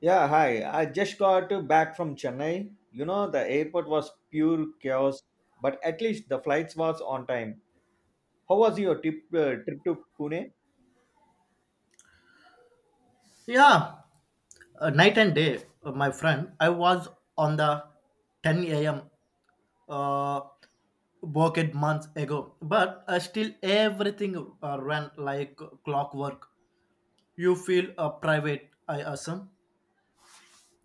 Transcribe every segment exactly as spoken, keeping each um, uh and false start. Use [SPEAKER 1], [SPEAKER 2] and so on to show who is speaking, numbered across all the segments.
[SPEAKER 1] Yeah, hi. I just got back from Chennai. You know, the airport was pure chaos, but at least the flights was on time. How was your trip, uh, trip to Pune?
[SPEAKER 2] Yeah, uh, night and day, uh, my friend. I was on the ten a m. Uh, bucket months ago, but uh, still everything uh, ran like clockwork. You feel uh, private, I assume,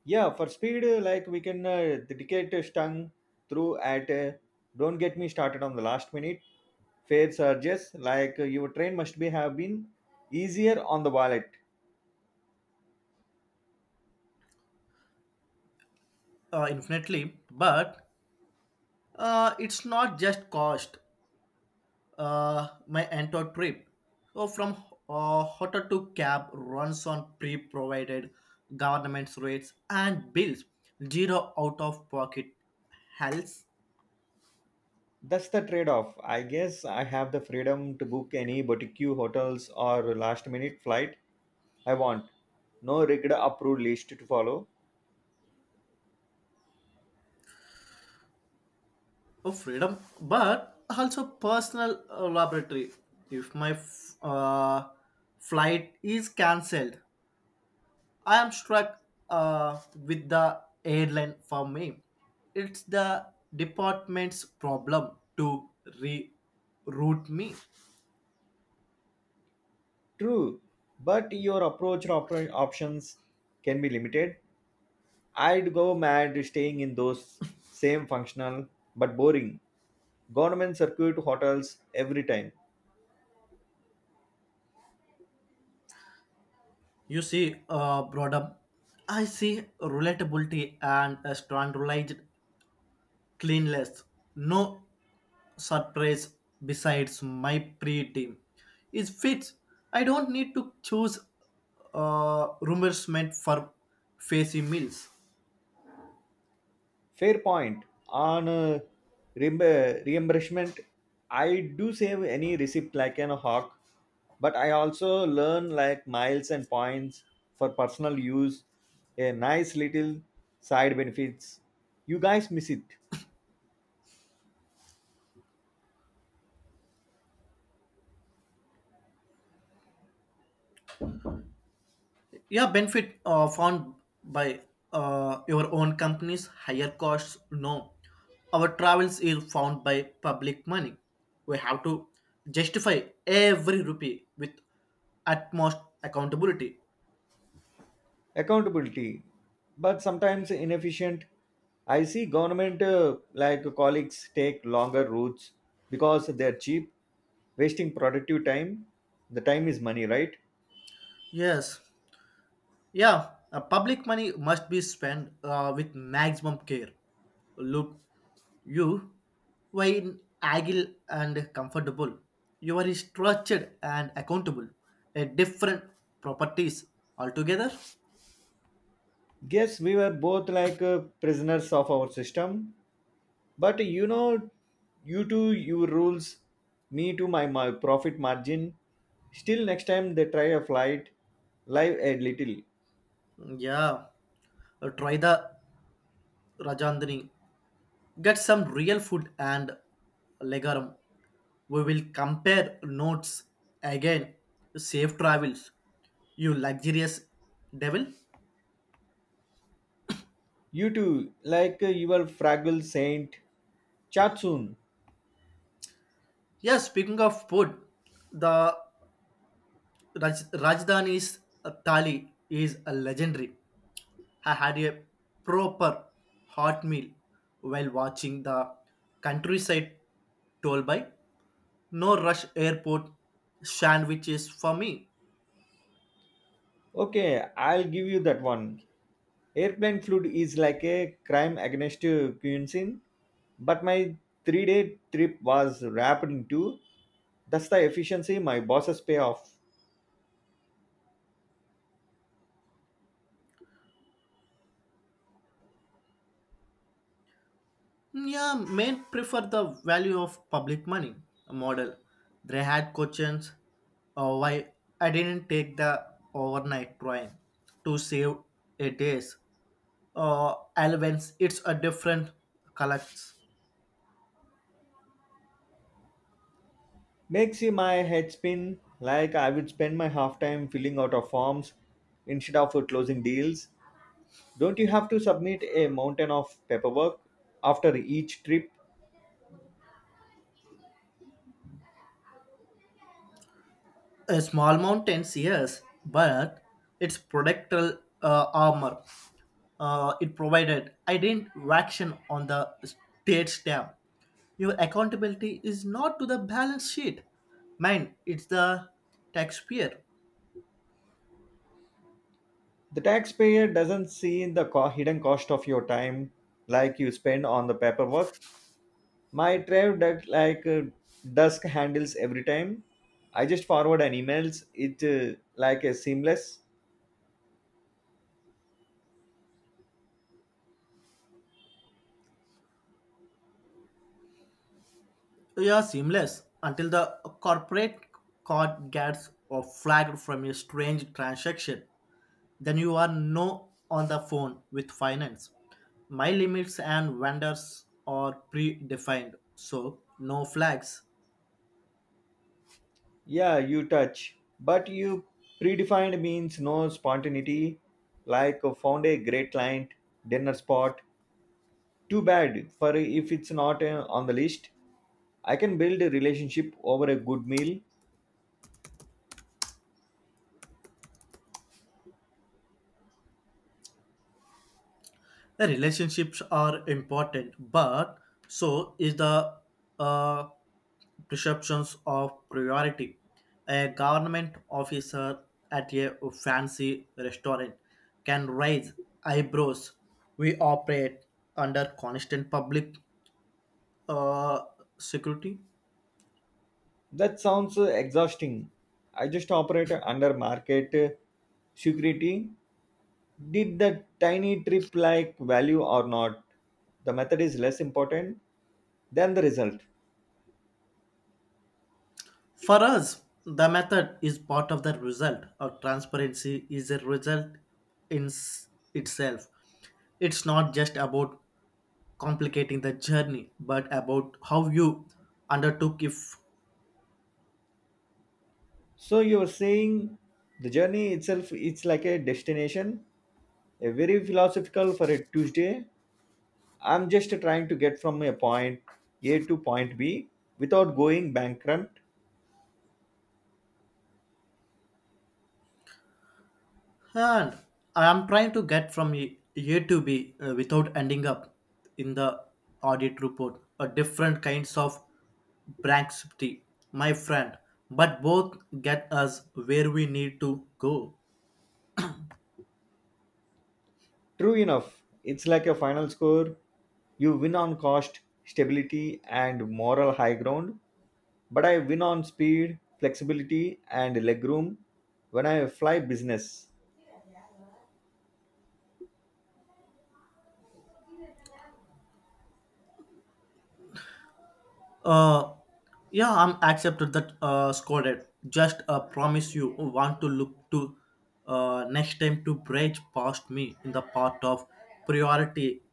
[SPEAKER 1] Yeah, for speed, uh, like we can uh, the ticket stung through at. Uh, don't get me started on the last minute fare surges. Like uh, your train must be have been easier on the wallet.
[SPEAKER 2] uh, infinitely, but uh, it's not just cost. Uh, my entire trip. So from uh, hotel to cab runs on pre-provided government's rates and bills. Zero out-of-pocket health
[SPEAKER 1] That's the trade-off. I guess I have the freedom to book any boutique hotels or last-minute flight I want, no rigged approved list to follow.
[SPEAKER 2] of freedom, but also personal uh, laboratory. If my f- uh, flight is cancelled, I am struck uh, with the airline for me. It's the department's problem to reroute me.
[SPEAKER 1] True, but your approach and op- options can be limited. I'd go mad staying in those same functional but boring government circuit hotels every time.
[SPEAKER 2] You see, uh, brought I see relatability and a standardized cleanliness. No surprise besides my pre-team. It fits. I don't need to choose uh, reimbursement for fancy meals.
[SPEAKER 1] Fair point. On uh, reimb- reimbursement, I do save any receipt like an hawk, but I also learn like miles and points for personal use. A nice little side benefits. You guys miss it.
[SPEAKER 2] Yeah, benefit uh, found by uh, your own company's higher costs. No, our travels is found by public money. We have to justify every rupee with utmost accountability.
[SPEAKER 1] Accountability, but sometimes inefficient. I see government uh, like colleagues take longer routes because they're cheap, wasting productive time. The time is money, right?
[SPEAKER 2] Yes, Yeah, uh, public money must be spent uh, with maximum care. Look, you were in agile and comfortable. You are structured and accountable. A different properties altogether.
[SPEAKER 1] Guess we were both like uh, prisoners of our system. But you know, you to your rules, me to my, my profit margin. Still, next time they try a flight, live a little.
[SPEAKER 2] Yeah, uh, try the Rajandani. Get some real food and legaram. We will compare notes again. Safe travels, you luxurious devil.
[SPEAKER 1] You too, like uh, your fragile saint, chat soon.
[SPEAKER 2] Yeah, speaking of food, the Raj- Rajdhani's uh, thali is a legendary. I had a proper hot meal while watching the countryside told by no rush airport sandwiches for me.
[SPEAKER 1] Okay, I'll give you that one. Airplane Flood is like a crime against cuisine, but my three day trip was wrapped into that's the efficiency my bosses pay off.
[SPEAKER 2] Yeah, men prefer the value of public money model. They had questions uh, why I didn't take the overnight train to save a days uh, elements, it's a different colors.
[SPEAKER 1] Makes you my head spin, like I would spend my half time filling out of forms instead of closing deals. Don't you have to submit a mountain of paperwork after each trip?
[SPEAKER 2] Uh, small mountains, yes, but it's protectoral uh, armor. Uh, it provided didn't reaction on the state stamp. Your accountability is not to the balance sheet. Mine, it's the taxpayer.
[SPEAKER 1] The taxpayer doesn't see the co- hidden cost of your time like you spend on the paperwork. My Drive that like uh, Dusk handles every time. I just forward an emails. It uh, like a seamless.
[SPEAKER 2] You are seamless until the corporate card gets or flagged from your strange transaction. Then you are no on the phone with finance. My limits and vendors are predefined, so no flags.
[SPEAKER 1] Yeah, you touch, but you predefined means no spontaneity. Like uh, found a great client dinner spot. Too bad for if it's not uh, on the list. I can build a relationship over a good meal.
[SPEAKER 2] The relationships are important, but so is the uh, perceptions of priority. A government officer at a fancy restaurant can raise eyebrows. We operate under constant public uh, security.
[SPEAKER 1] That sounds uh, exhausting. I just operate under market uh, security. Did the tiny trip like value or not? The method is less important than the result.
[SPEAKER 2] For us, the method is part of the result, or transparency is a result in s- itself. It's not just about complicating the journey, but about how you undertook it.
[SPEAKER 1] So you're saying the journey itself it's like a destination, a very philosophical for a Tuesday. I'm just trying to get from a point A to point B without going bankrupt.
[SPEAKER 2] And I am trying to get from A A to B uh, without ending up in the audit report or different kinds of bankruptcy, my friend. But both get us where we need to go.
[SPEAKER 1] True enough, it's like a final score. You win on cost, stability, and moral high ground, but I win on speed, flexibility, and legroom when I fly business.
[SPEAKER 2] Uh, yeah, I'm accepted that uh, scolded. Just uh, promise you want to look to uh, next time to bridge past me in the part of priority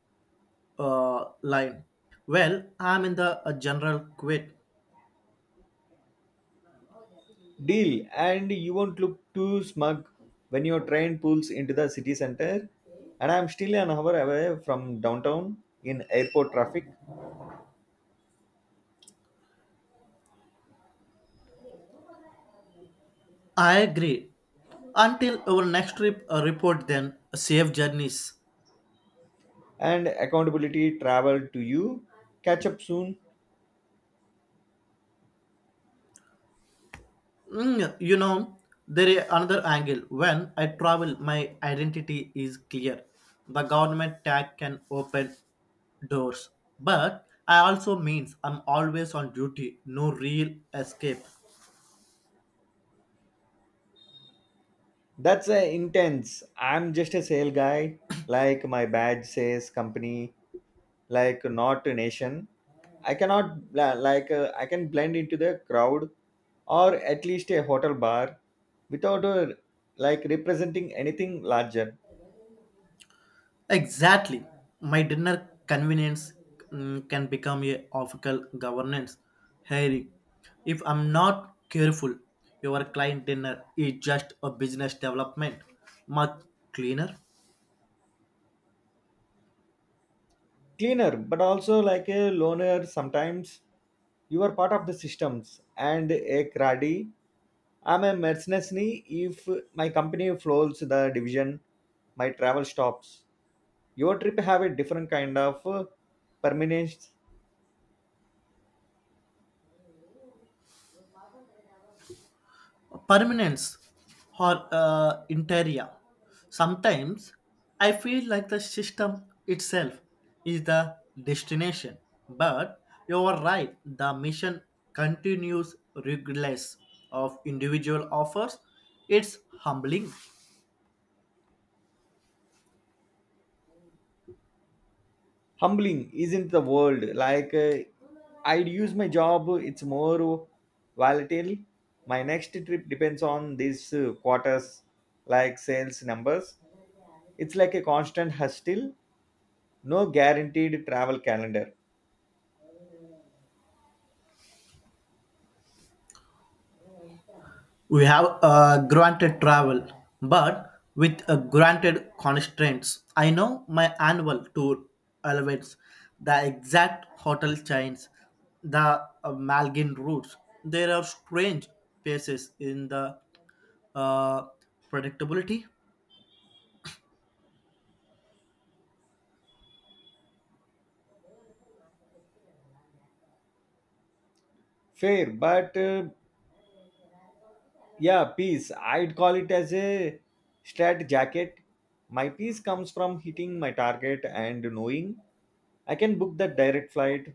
[SPEAKER 2] uh, line. Well, I'm in the uh, general quit.
[SPEAKER 1] Deal, and you won't look too smug when your train pulls into the city center. And I'm still an hour away from downtown in airport traffic,
[SPEAKER 2] I agree. Until our next trip uh, report, then safe journeys.
[SPEAKER 1] and accountability travel to you. Catch up soon.
[SPEAKER 2] Mm, you know, there is another angle. When I travel, my identity is clear. The government tag can open doors, but I also means I'm always on duty. No real escape.
[SPEAKER 1] That's uh, intense. I'm just a sale guy. Like my badge says company, like not a nation. I cannot, bl- like, uh, I can blend into the crowd, or at least a hotel bar without, uh, like, representing anything larger.
[SPEAKER 2] Exactly, my dinner convenience mm, can become a official governance hearing. If I'm not careful, your client dinner is just a business development, much cleaner.
[SPEAKER 1] Cleaner, but also like a loner sometimes. You are part of the systems and a cruddy. I'm a mercenary. If my company floors the division, my travel stops. Your trip have a different kind of uh, permanence.
[SPEAKER 2] Permanence or uh, interior. Sometimes I feel like the system itself is the destination, but you are right, the mission continues regardless of individual offers. It's humbling.
[SPEAKER 1] Humbling isn't the world, like uh, I'd use my job. It's more volatile. My next trip depends on these uh, quarters, like sales numbers. It's like a constant hustle, no guaranteed travel calendar.
[SPEAKER 2] We have uh, granted travel, but with uh, granted constraints. I know my annual tour elevates the exact hotel chains, the uh, Malgin routes. There are strange places in the uh, predictability.
[SPEAKER 1] Fair, but uh, yeah, peace. I'd call it as a strat jacket. My peace comes from hitting my target and knowing I can book that direct flight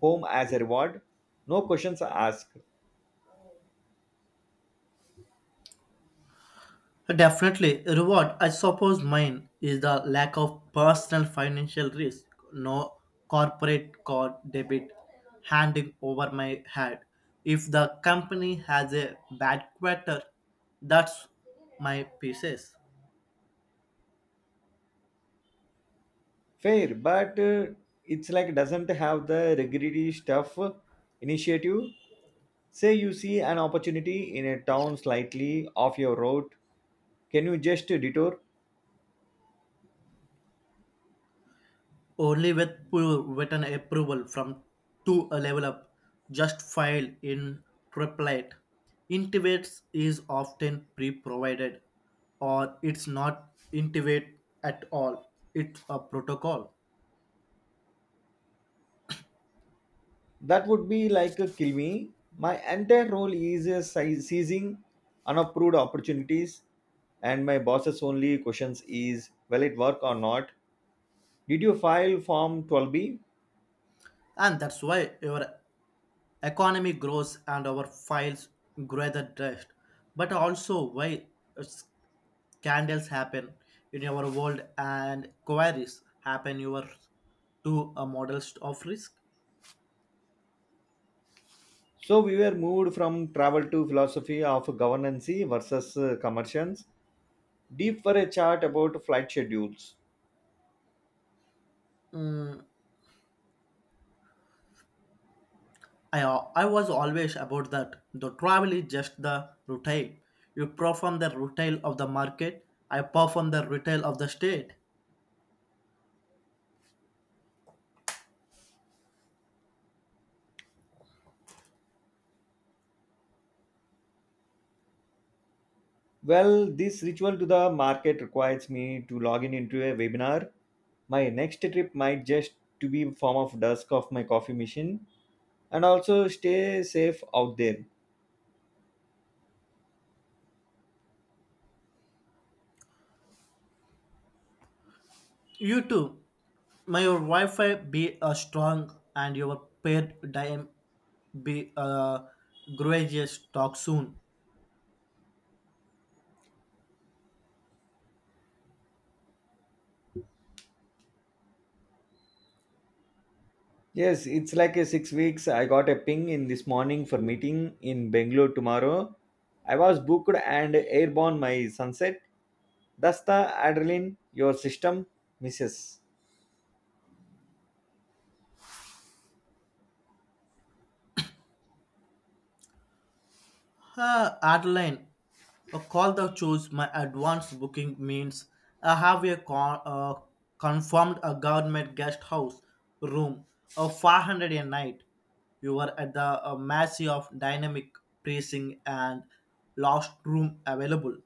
[SPEAKER 1] home as a reward. No questions asked.
[SPEAKER 2] Definitely, reward. I suppose mine is the lack of personal financial risk. No corporate card debit handing over my head. If the company has a bad quarter, that's my pieces.
[SPEAKER 1] Fair, but uh, it's like doesn't have the regretty stuff initiative. Say you see an opportunity in a town slightly off your route. Can you just detour?
[SPEAKER 2] Only with pro- written approval from to a level up just filed in triplet intimates is often pre-provided or it's not intimate at all, it's a protocol.
[SPEAKER 1] That would be like a kill me. My entire role is uh, si- seizing unapproved opportunities, and my boss's only questions is, will it work or not? Did you file Form twelve B?
[SPEAKER 2] And that's why your economy grows and our files grow the dust, but also why scandals happen in our world and queries happen your to a model of risk.
[SPEAKER 1] So we were moved from travel to philosophy of governance versus uh, commercials, deep for a chart about flight schedules.
[SPEAKER 2] Mm, I, al- I was always about that. The travel is just the retail. You perform the retail of the market, I perform the retail of the state.
[SPEAKER 1] Well, this ritual to the market requires me to log in into a webinar. My next trip might just to be form of dusk of my coffee machine, and also stay safe out there.
[SPEAKER 2] You too. May your Wi-Fi be uh, strong and your paired dime be uh, gracious. Talk soon.
[SPEAKER 1] Yes, it's like a six weeks. I got a ping in this morning for meeting in Bangalore tomorrow. I was booked and airborne my sunset. That's the adrenaline your system misses.
[SPEAKER 2] Uh, Adeline, a call the choose my advance booking means I have a con- uh, confirmed a government guest house room of five hundred a night. You were at the uh, mercy of dynamic pricing and last room available.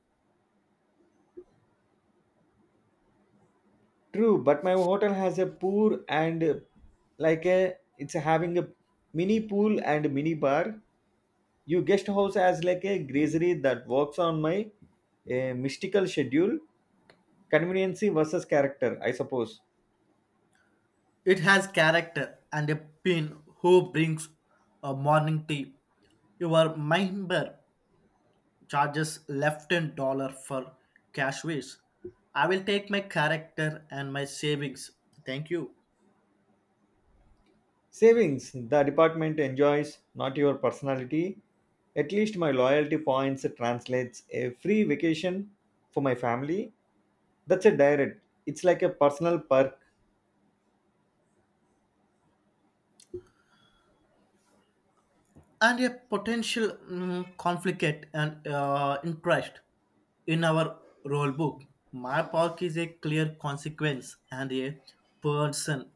[SPEAKER 1] True, but my hotel has a pool and like a it's having a mini pool and mini bar. Your guest house has like a grazery that works on my uh, mystical schedule, conveniency versus character, I suppose.
[SPEAKER 2] It has character and a pin who brings a morning tea. You are member charges left and dollar for cash waste. I will take my character and my savings. Thank you.
[SPEAKER 1] Savings, the department enjoys, not your personality. At least my loyalty points translates a free vacation for my family. That's a direct. It's like a personal perk,
[SPEAKER 2] And a potential mm, conflict and uh, interest in our role book. My park is a clear consequence and a person,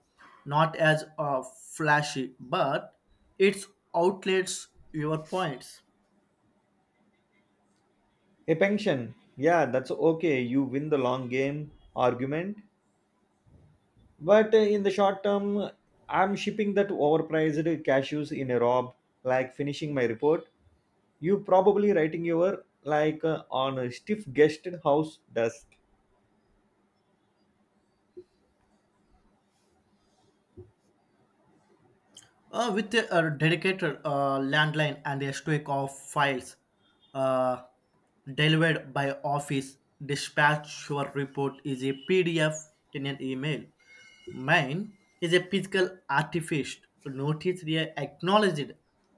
[SPEAKER 2] not as uh, flashy, but it outlets your points.
[SPEAKER 1] a pension. Yeah, that's okay. You win the long game argument. But uh, in the short term, I'm shipping that overpriced cashews in a rob, like finishing my report. You probably writing your like uh, on a stiff guest house does.
[SPEAKER 2] Uh, with a, uh, dedicated uh, landline and a stack of files uh, delivered by office dispatch, your report is a P D F in an email. Mine is a physical artifact. Notice they acknowledged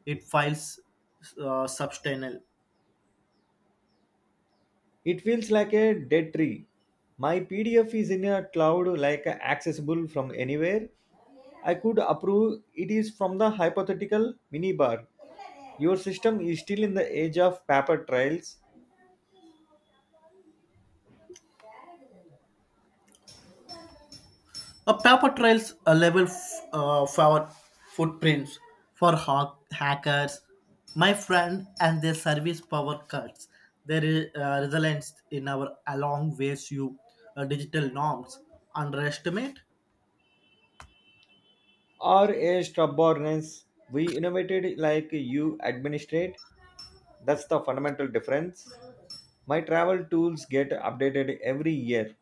[SPEAKER 2] it files uh, substantial.
[SPEAKER 1] It feels like a dead tree. My P D F is in a cloud, like accessible from anywhere. I could approve it is from the hypothetical minibar. Your system is still in the age of paper trails,
[SPEAKER 2] A paper trails a level f- uh, for footprints for hack- hackers, my friend, and their service power cuts. There is uh, resilience in our along ways you uh, digital norms underestimate.
[SPEAKER 1] or a stubbornness. We innovated like you administrate. That's the fundamental difference. My travel tools get updated every year.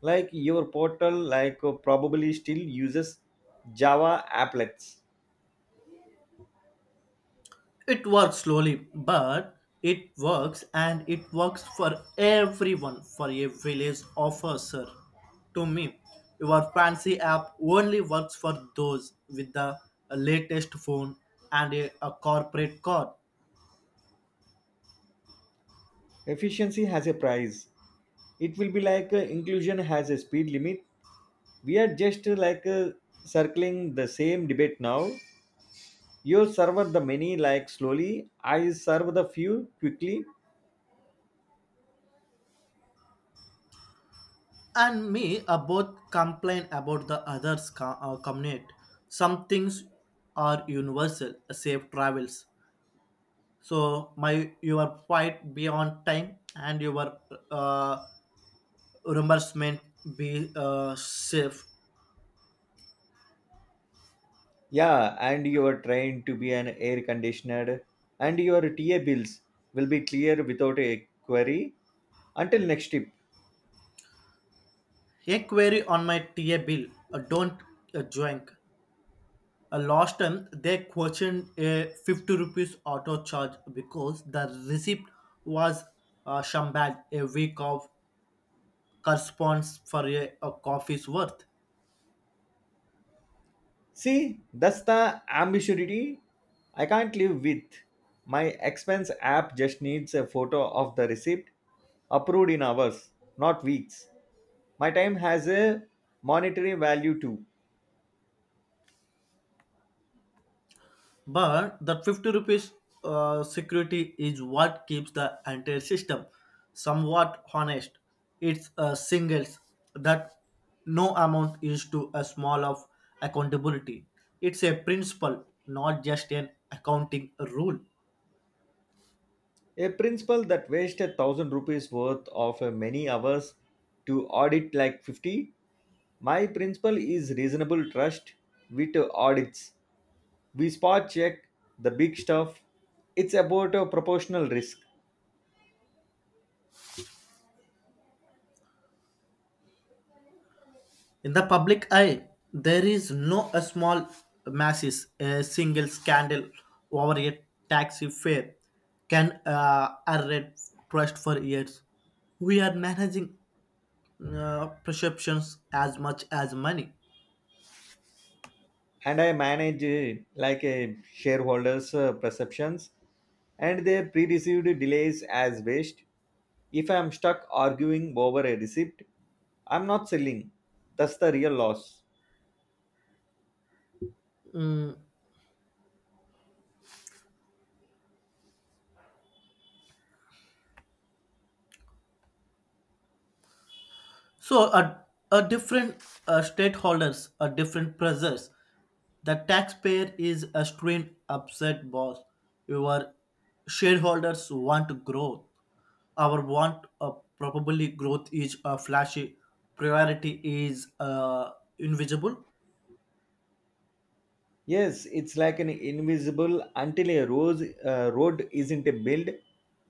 [SPEAKER 1] Like your portal, like probably still uses Java applets.
[SPEAKER 2] It works slowly, but it works and it works for everyone, for a village officer. To me, your fancy app only works for those with the latest phone and a, a corporate card.
[SPEAKER 1] Efficiency has a price. It will be like uh, inclusion has a speed limit. We are just uh, like uh, circling the same debate now. You serve the many like slowly, I serve the few quickly.
[SPEAKER 2] And me, uh, both complain about the others' co- uh, community. Some things are universal, uh, safe travels. So my your flight be on time and your uh, reimbursement be uh, safe.
[SPEAKER 1] Yeah, and your train to be an air conditioner and your T A bills will be clear without a query. Until next tip.
[SPEAKER 2] A query on my T A bill. Uh, don't uh, joink. Uh, last time they questioned a fifty rupees auto charge because the receipt was uh, shambad a week of corresponds for a, a coffee's worth.
[SPEAKER 1] See, that's the ambiguity I can't live with. My expense app just needs a photo of the receipt approved in hours, not weeks. My time has a monetary value too.
[SPEAKER 2] But that fifty rupees uh, security is what keeps the entire system somewhat honest. It's uh, singles that no amount is to a small of accountability. It's a principle, not just an accounting rule.
[SPEAKER 1] A principal that wasted a thousand rupees worth of uh, many hours to audit like fifty. My principal is reasonable trust with uh, audits. We spot check the big stuff. It's about a proportional risk.
[SPEAKER 2] In the public eye, there is no a small masses, a single scandal over a taxi fare can uh, erode trust for years. We are managing uh, perceptions as much as money.
[SPEAKER 1] And I manage uh, like a shareholders' uh, perceptions and their pre-received delays as waste. If I am stuck arguing over a receipt, I'm not selling. That's the real loss.
[SPEAKER 2] So a, a different uh, stakeholders, a different pressures. The taxpayer is a strained, upset boss. Your shareholders want growth. Our want uh, probably growth is a flashy. Priority is uh, invisible.
[SPEAKER 1] Yes, it's like an invisible until a rose, uh, road isn't built,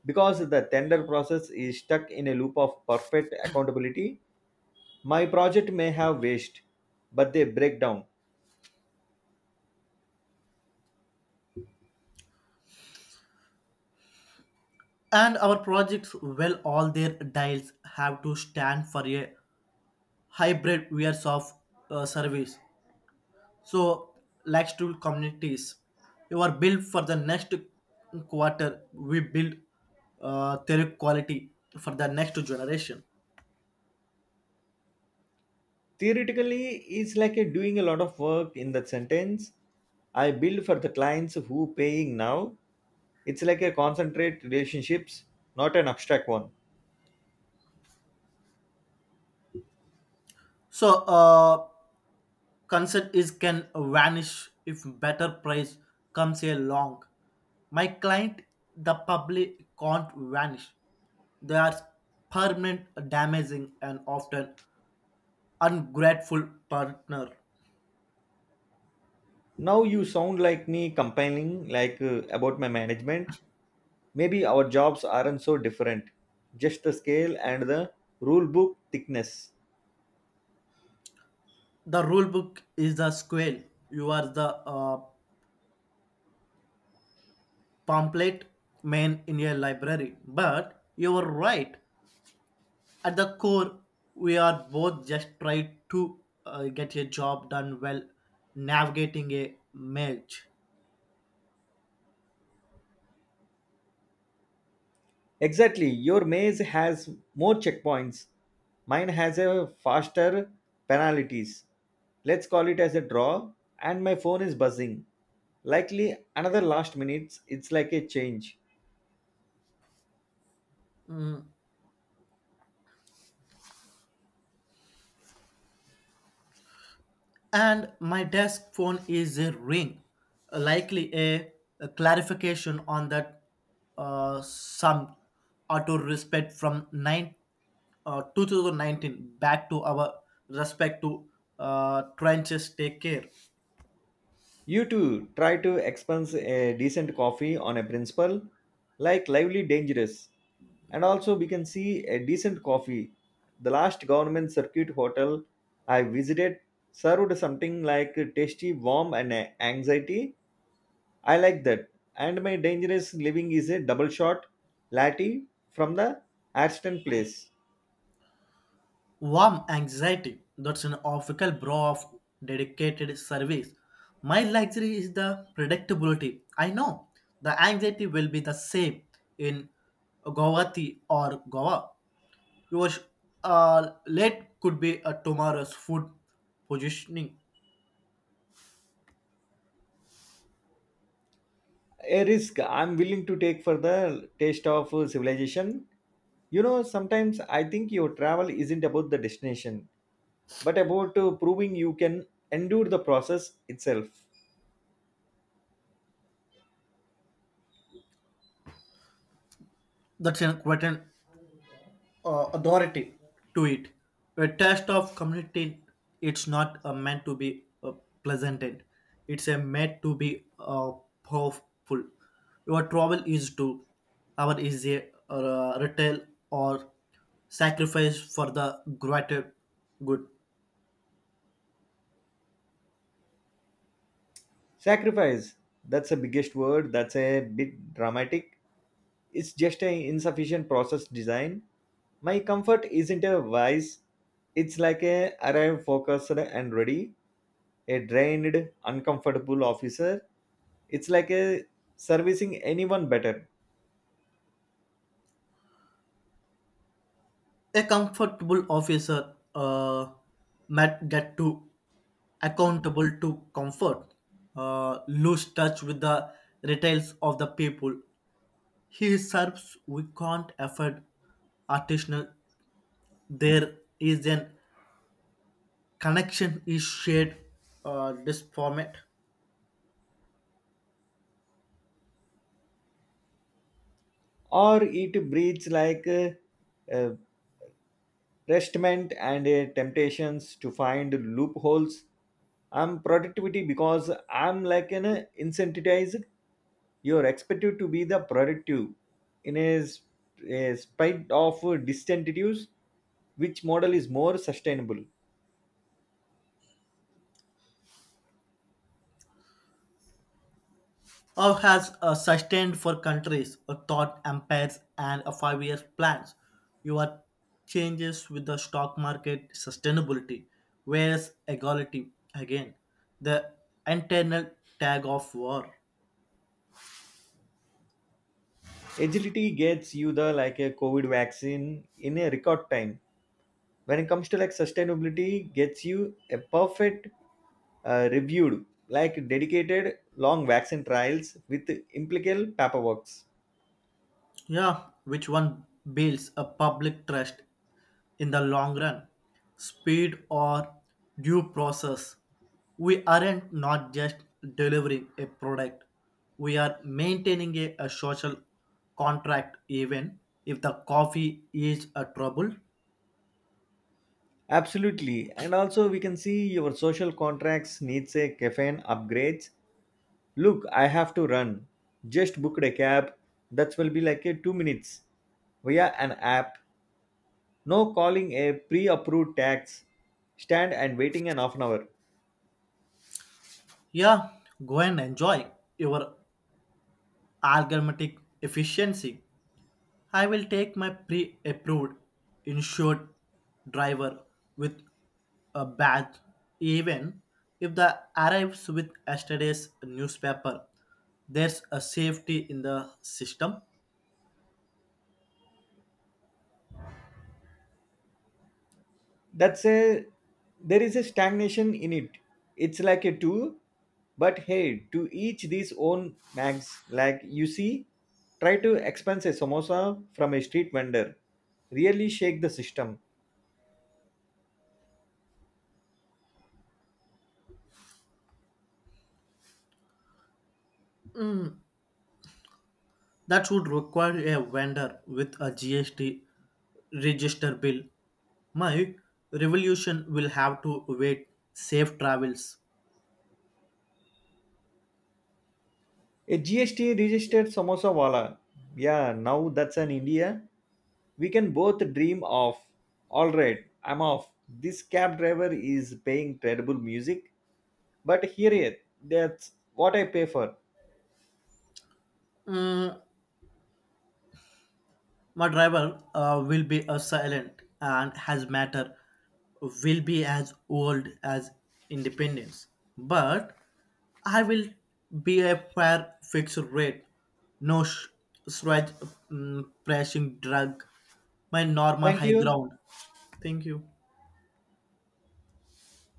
[SPEAKER 1] because the tender process is stuck in a loop of perfect accountability. My project may have waste, but they break down.
[SPEAKER 2] And our projects, well, all their dials have to stand for a hybrid wares of uh, service. So, like stool communities, you are built for the next quarter. We build uh, their quality for the next generation.
[SPEAKER 1] Theoretically, it's like a doing a lot of work in that sentence. I build for the clients who paying now. It's like a concentrate relationships, not an abstract one.
[SPEAKER 2] So, uh, concern is can vanish if better price comes along. My client, the public, can't vanish. They are permanent, damaging, and often ungrateful partner.
[SPEAKER 1] Now you sound like me complaining like uh, about my management. Maybe our jobs aren't so different, just the scale and the rule book thickness.
[SPEAKER 2] The rule book is the square. You are the uh, pamphlet man in a library. But you're right. At the core, we are both just trying to uh, get a job done well, navigating a merge.
[SPEAKER 1] Exactly, your maze has more checkpoints. Mine has a faster penalties. Let's call it as a draw, and my phone is buzzing. Likely another last minutes, it's like a change.
[SPEAKER 2] Mm. And my desk phone is a ring, likely a, a clarification on that uh, some auto respect from nine uh, two thousand nineteen back to our respect to uh, trenches take care.
[SPEAKER 1] You too, try to expense a decent coffee on a principle, like lively dangerous. And also we can see a decent coffee. The last government circuit hotel I visited served something like tasty warm and uh, anxiety. I like that. And my dangerous living is a double shot latte from the Aston place.
[SPEAKER 2] Warm anxiety. That's an official bro of dedicated service. My luxury is the predictability. I know the anxiety will be the same in Guwahati or Goa. Your uh, late could be a tomorrow's food positioning.
[SPEAKER 1] A risk I'm willing to take for the taste of uh, civilization. You know, sometimes I think your travel isn't about the destination, but about uh, proving you can endure the process itself.
[SPEAKER 2] That's an quite an uh, authority to it. A test of community, it's not uh, meant to be uh, pleasant. End. It's a meant to be uh, powerful. Your trouble is to our is a uh, retail or sacrifice for the greater good.
[SPEAKER 1] Sacrifice, that's the biggest word, that's a bit dramatic. It's just an insufficient process design. My comfort isn't a vice, it's like a arrive focused and ready, a drained, uncomfortable officer. It's like a servicing anyone better.
[SPEAKER 2] A comfortable officer uh, might get to accountable to comfort, uh, lose touch with the retails of the people, he serves we can't afford artisanal. There is an connection is shared uh, this format
[SPEAKER 1] Or it breathes like uh, uh, restment and a temptations to find loopholes. I'm productivity because I'm like an uh, incentivized. You're expected to be the productive in a, s- a spite of disincentives. Which model is more sustainable?
[SPEAKER 2] or has uh, sustained for countries a thought empires and a five years plans. Your changes with the stock market sustainability, whereas equality again the internal tag of war.
[SPEAKER 1] Agility gets you the like a COVID vaccine in a record time. When it comes to like sustainability gets you a perfect uh, reviewed, like dedicated long vaccine trials with implical paperworks.
[SPEAKER 2] Yeah, which one builds a public trust in the long run? Speed or due process? We aren't not just delivering a product, we are maintaining a, a social contract even if the coffee is a trouble.
[SPEAKER 1] Absolutely, and also we can see your social contracts needs a caffeine upgrades. Look, I have to run. Just booked a cab that will be like a two minutes via an app. No calling a pre-approved tax stand and waiting an half an hour.
[SPEAKER 2] Yeah, go and enjoy your algorithmic efficiency. I will take my pre approved insured driver with a badge, even if the arrives with yesterday's newspaper. There's a safety in the system.
[SPEAKER 1] That's a, there is a stagnation in it. It's like a two, but hey, to each these own mags. Like you see, try to expense a samosa from a street vendor. Really shake the system.
[SPEAKER 2] That would require a vendor with a G S T register bill. My revolution will have to wait safe travels.
[SPEAKER 1] A G S T registered samosa wala. Yeah, now that's an India we can both dream of. All right, I'm off. This cab driver is paying terrible music, but here it. That's what I pay for.
[SPEAKER 2] Mm, my driver uh, will be a silent and has matter will be as old as independence. But I will be a fair fixed rate, no sh- stretch mm, pressing drug, my normal
[SPEAKER 1] Thank
[SPEAKER 2] high
[SPEAKER 1] you.
[SPEAKER 2] ground. Thank you.